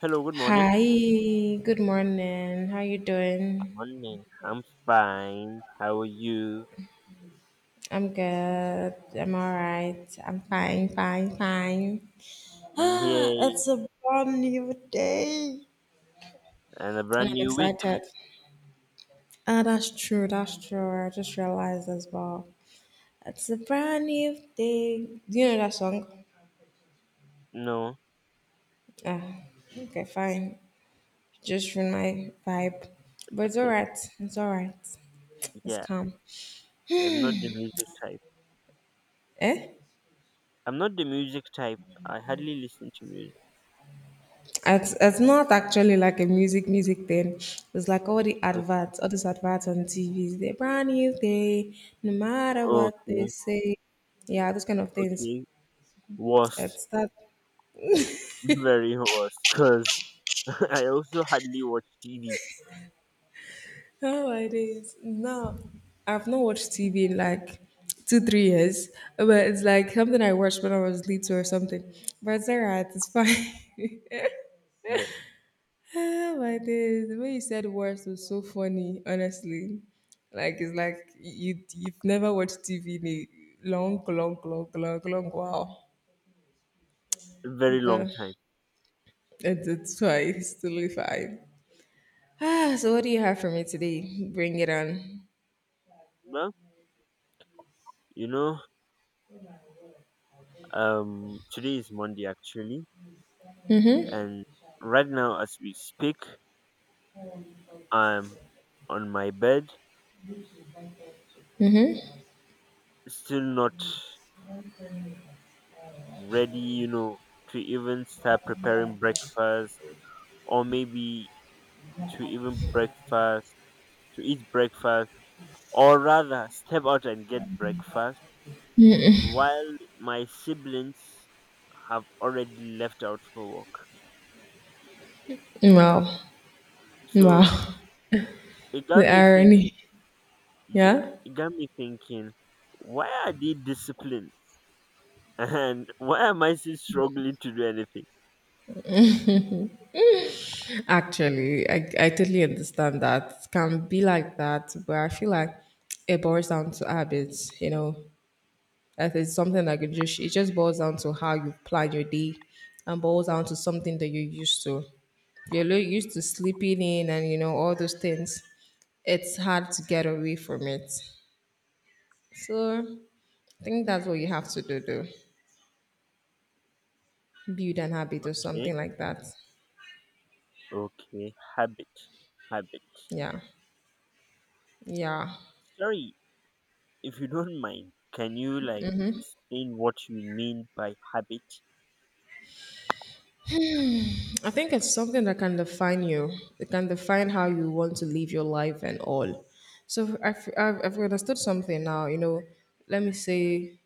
Hello, good morning. Hi, good morning. How you Good doing? morning. I'm fine. How are you? I'm good. I'm all right. I'm fine, fine, fine. Ah, Yay. it's a brand new day. And a And brand I'm new week. excited. Ah, that's true. That's true. I just realized as well. It's a brand new day. Do you know that song? No. Ah, okay, fine. Just ruined my vibe. But it's all right. It's all right. It's Yeah, calm. I'm not the music type. Eh? I'm not the music type. I hardly listen to music. It's not actually like a music thing. It's like all the adverts, all these adverts on TVs. They're brand new day, no matter what they Okay. say. Yeah, those kind of things. Okay. Worst. It's that. Very worst. Because I also hardly watch TV. Oh my days! No, I've not watched TV in like 2 3 years, but it's like something I watched when I was little or something. But it's alright. It's fine. Yeah. Ah, my days, the way you said words was so funny, honestly. Like it's like you've never watched TV in a long, long, long, long, long while. Very long But time. it's fine, it's totally fine. Ah, so what do you have for me today? Bring it on. Well, you know, today is Monday actually. And right now, as we speak, I'm on my bed Mm-hmm. still not ready, to even start preparing breakfast or maybe to even breakfast, to eat breakfast, or rather step out and get breakfast while my siblings have already left out for work. Wow. Wow. So it got The me thinking, irony. yeah, Yeah. it got me thinking, why are they disciplined? And why am I still struggling to do anything? Actually, I totally understand that. It can be like that, but I feel like it boils down to habits, you know. I think it's something that could just it just boils down to how you plan your day and boils down to something that you're used to. If you're used to sleeping in and you know all those things, it's hard to get away from it. So I think that's what you have to do though. Build an habit or something Okay, like that. okay, habit, habit. Yeah. Yeah. Sorry, if you don't mind, can you like explain what you mean by habit? I think it's something that can define you. It can define how you want to live your life and all. So I've understood something now, you know, let me say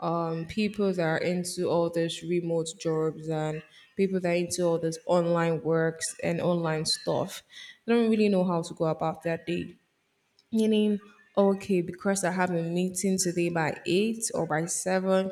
people that are into all these remote jobs and people that are into all this online works and online stuff. They don't really know how to go about their day. Meaning, okay, because I have a meeting today by 8 or by 7,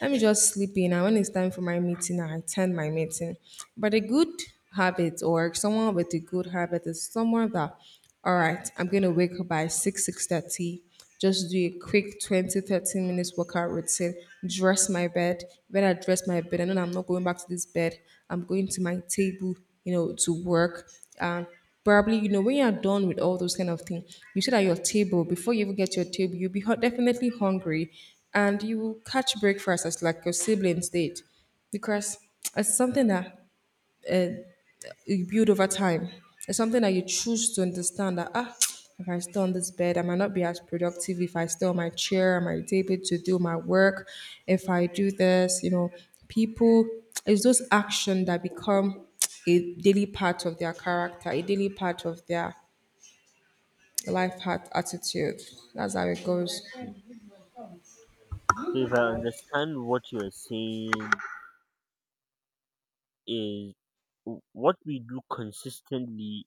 let me just sleep in. And when it's time for my meeting, I attend my meeting. But a good habit or someone with a good habit is someone that, all right, I'm going to wake up by 6, 6:30 just do a quick 20, 13 minutes workout routine, dress my bed. When I dress my bed, I know I'm not going back to this bed. I'm going to my table, you know, to work. And probably, you know, when you're done with all those kind of things, you sit at your table. Before you even get to your table, you'll be definitely hungry and you will catch breakfast as like your siblings did because it's something that uh, you build over time. It's something that you choose to understand that ah, if I stay on this bed, I might not be as productive. If I stay on my chair, I might be able to do my work. If I do this, you know, people it's those actions that become a daily part of their character, a daily part of their life hat attitude. That's how it goes. Mm. So if I understand what you're saying is what we do consistently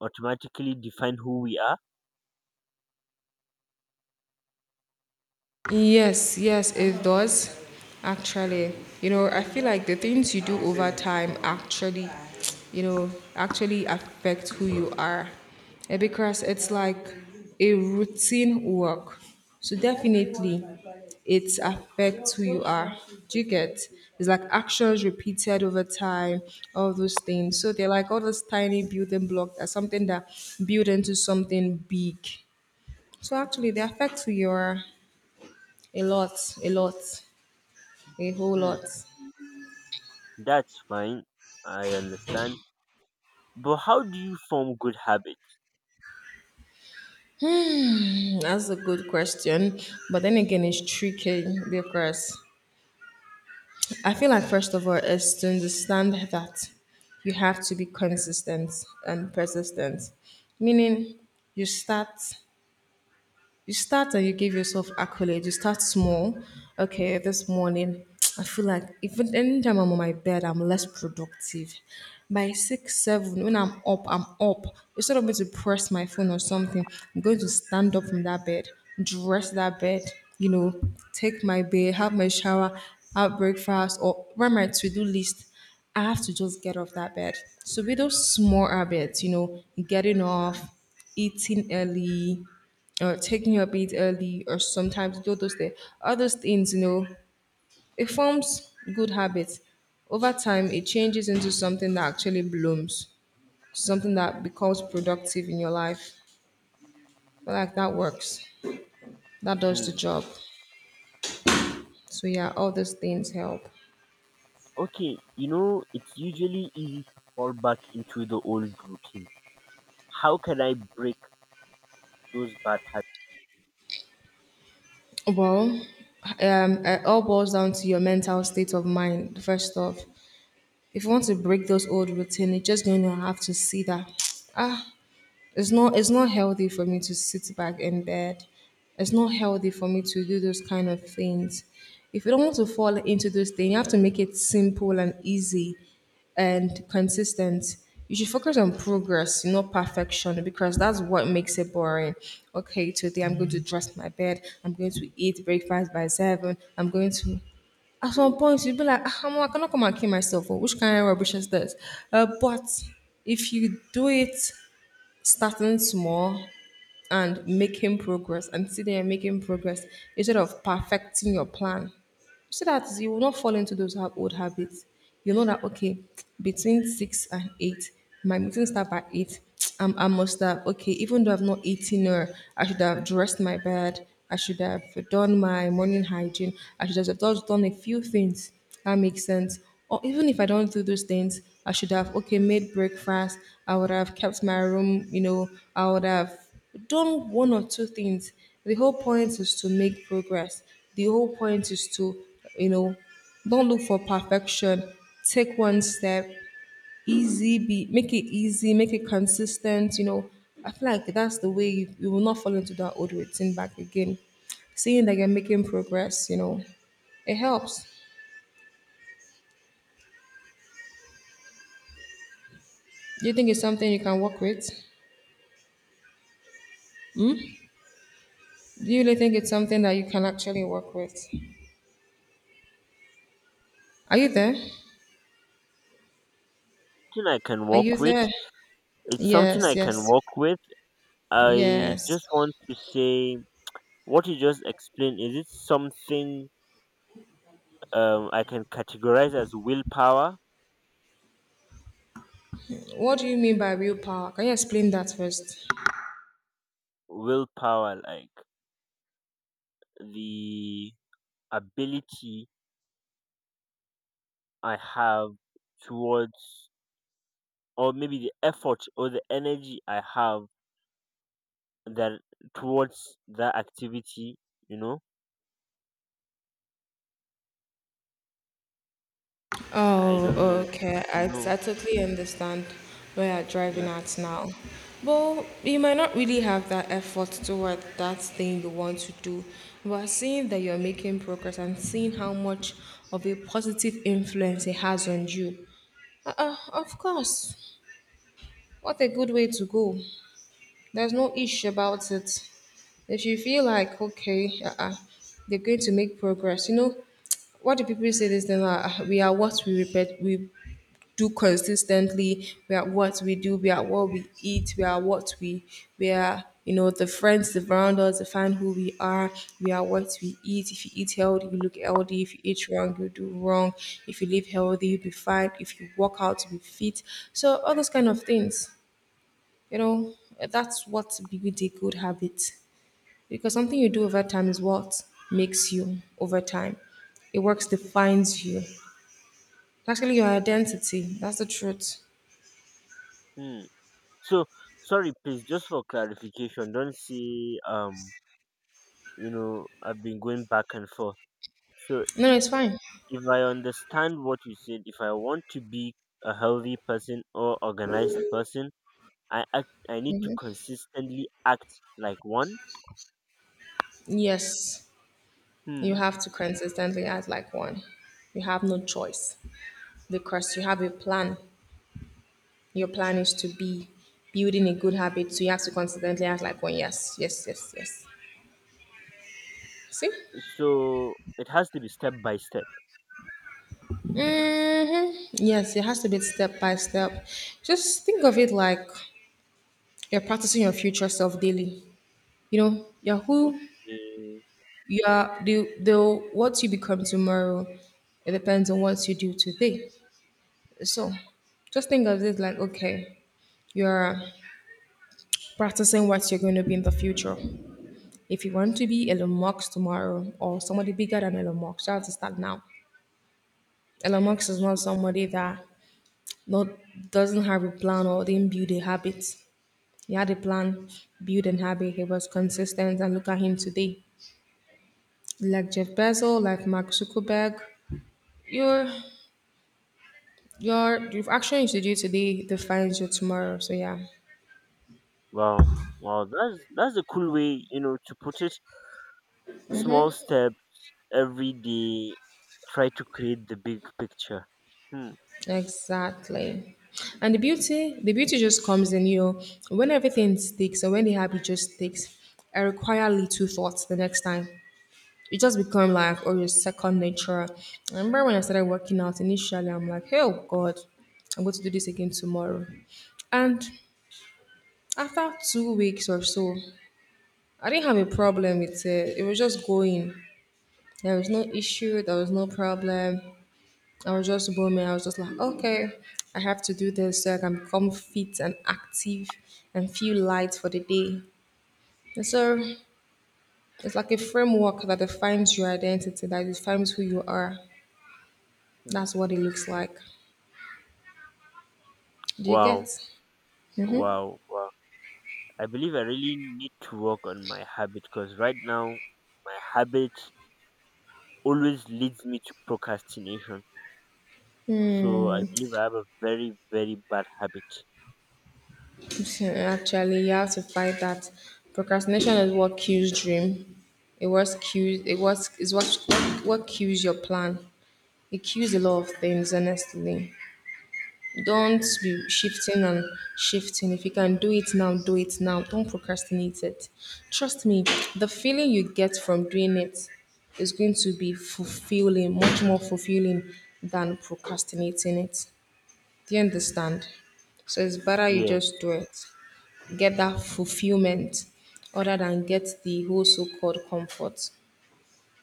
automatically define who we are. Yes, yes, it does. Actually, you know, I feel like the things you do over time actually, you know, actually affect who you are. Eh, because it's like a routine work. So definitely it affects who you are. Do you get? It's like actions repeated over time, all those things. So they're like all those tiny building blocks are something that build into something big. So actually they affect who you are. A lot, a lot, a whole lot. Hmm, that's fine. I understand. But how do you form good habits? Hmm, that's a good question. But then again, it's tricky because I feel like, first of all, is to understand that you have to be consistent and persistent, meaning you start you start and you give yourself accolades. You start small. Okay, this morning, I feel like even anytime I'm on my bed, I'm less productive. By six, seven, when I'm up, I'm up. Instead of me to press my phone or something, I'm going to stand up from that bed, dress that bed, you know, take my bath, have my shower, have breakfast, or write my to-do list I have to just get off that bed. So with those small habits, you know, getting off, eating early, or taking your bed early, or sometimes do those things, all those things, you know, it forms good habits. Over time, it changes into something that actually blooms, something that becomes productive in your life. I like that works. That does the Hmm. job. So yeah, all those things help. Okay, you know, it's usually easy to fall back into the old routine. How can I break those bad habits? Well, it all boils down to your mental state of mind, first off. If you want to break those old routine, you're just going to have to see that. Ah, it's not healthy for me to sit back in bed. It's not healthy for me to do those kind of things. If you don't want to fall into those things, you have to make it simple and easy and consistent. You should focus on progress, not perfection, because that's what makes it boring. Okay, today I'm going to dress my bed. I'm going to eat breakfast by seven. I'm going to at some point you'll be like, ah, I cannot come and kill myself. Oh, which kind of rubbish is this? But if you do it starting small and making progress and see there making progress instead of perfecting your plan so that you will not fall into those old habits, you know that okay between six and eight my meeting start by eight. I must have okay even though I've not eaten or I should have dressed my bed, I should have done my morning hygiene, I should have just done a few things that makes sense. Or even if I don't do those things, I should have okay made breakfast. I would have kept my room. You know, I would have done one or two things. The whole point is to make progress. The whole point is to, you know, don't look for perfection. Take one step, easy. Be make it easy. Make it consistent. You know, I feel like that's the way you will not fall into that old routine back again. Seeing that you're making progress, you know, it helps. Do you think it's something you can work with? Do you really think it's something that you can actually work with? Are you there? Something I can Are you work with. there? It's something Yes, I can yes, work with. I yes. just want to say what you just explained, is it something I can categorize as willpower? What do you mean by real power? Can you explain that first? Willpower, like the ability I have towards or maybe the effort or the energy I have that towards that activity, you know? I Oh, don't know. okay. I, No. I totally understand where you're driving Yeah. at now. But you might not really have that effort toward that thing you want to do. But seeing that you're making progress and seeing how much of a positive influence it has on you, of course. What a good way to go. There's no issue about it. If you feel like, okay, uh-uh, they're going to make progress, you know, what do people say this thing? We are what we repeat, we do consistently, we are what we do, we are what we eat, we are, you know, the friends around us define who we are what we eat. If you eat healthy, you look healthy. If you eat wrong, you do wrong. If you live healthy, you'll be fine. If you work out, you'll be fit. So, all those kind of things. You know, that's what build a good habit. Because something you do over time is what makes you over time. It works defines you. It's actually your identity. That's the truth. Hmm. So sorry please, just for clarification, don't say. You know, I've been going back and forth. So, No, it's fine. if I understand what you said, if I want to be a healthy person or organized person, I act, I need to Mhm. consistently act like one. Yes, you Hmm. have to consistently act like one. You have no choice because you have a plan. Your plan is to be building a good habit, so you have to consistently act like one. Yes, yes, yes, yes. See? So it has to be step by step. Hmm, yes, it has to be step by step. Just think of it like you're practicing your future self daily. You know, you're who Okay. you are. The what you become tomorrow, it depends on what you do today. So, just think of it like okay, you're practicing what you're going to be in the future. If you want to be Elon Musk tomorrow or somebody bigger than Elon Musk, you have to start now. Elon Mm. Musk is not somebody that not doesn't have a plan or didn't build a habit. He had a plan, build an habit. He was consistent, and look at him today. Like Jeff Bezos, like Mark Zuckerberg, your your the actions you do today defines your tomorrow. So yeah, Wow. Wow. That's a cool way, you know, to put it. Small step every day. Try to create the big picture. Hmm. exactly. And the beauty just comes in you when everything sticks, or when the habit just sticks. I require little thoughts the next time. It just become like or your second nature. I remember when I started working out initially, I'm like, oh God, I'm going to do this again tomorrow. And after 2 weeks or so, I didn't have a problem with it. It was just going. There was no issue. There was no problem. I was just booming. I was just like, okay, I have to do this so I can become fit and active and feel light for the day. And so it's like a framework that defines your identity, that defines who you are. That's Hmm. what it looks like. Do you get? Wow. Mm-hmm. Wow. Wow. I believe I really need to work on my habit because right now my habit always leads me to procrastination. So I believe I have a very very bad habit. Actually, you have to fight that. Procrastination is what kills dream. It was kills. It was is what kills your plan. It kills a lot of things. Honestly, don't Hmm. be shifting and shifting. If you can do it now, do it now. Don't procrastinate it. Trust me, the feeling you get from doing it is going to be fulfilling, much more fulfilling than procrastinating it. Do you understand? So it's better you just Yes. do it. Get that fulfillment other than get the whole so called comfort.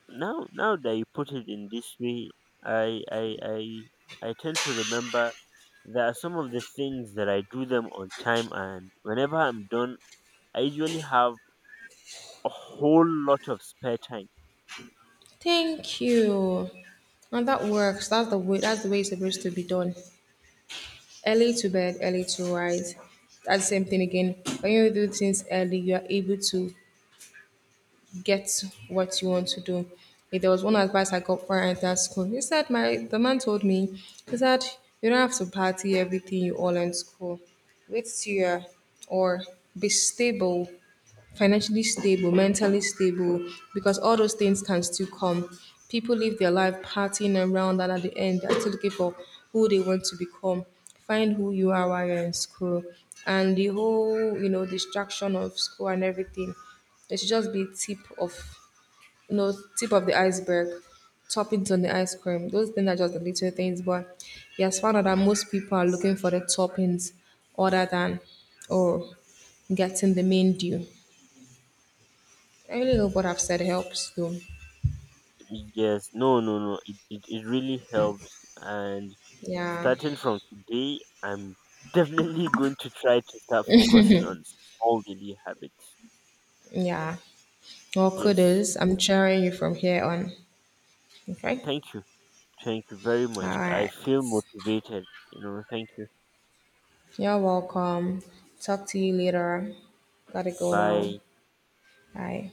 Now now that you put it in this way, I I I I tend to remember there are some of the things that I do them on time and whenever I'm done, I usually have a whole lot of spare time. Thank you. And that works. That's the way it's supposed to be done. Early to bed, early to rise. That's the same thing again. When you do things early, you are able to get what you want to do. If there was one advice I got when I entered school, he said my the man told me, he said, you don't have to party everything you all in school. Wait till you're or be stable, financially stable, mentally stable, because all those things can still come. People live their life partying around, and at the end, they're still looking for who they want to become. Find who you are while you're in school, and the whole, you know, distraction of school and everything. It should just be tip of the iceberg, toppings on the ice cream. Those things are just the little things, but he has found out that most people are looking for the toppings other than or getting the main deal. I really hope what I've said helps you. Yes, no no no. It really helps. And Yeah. starting from today, I'm definitely going to try to start focusing on small daily habits. Yeah. Well, Yes. kudos. I'm cheering you from here on. Okay. Thank you. Thank you very All much. I right. feel motivated. You know, thank you. You're welcome. Talk to you later. Gotta go now. Bye. Bye.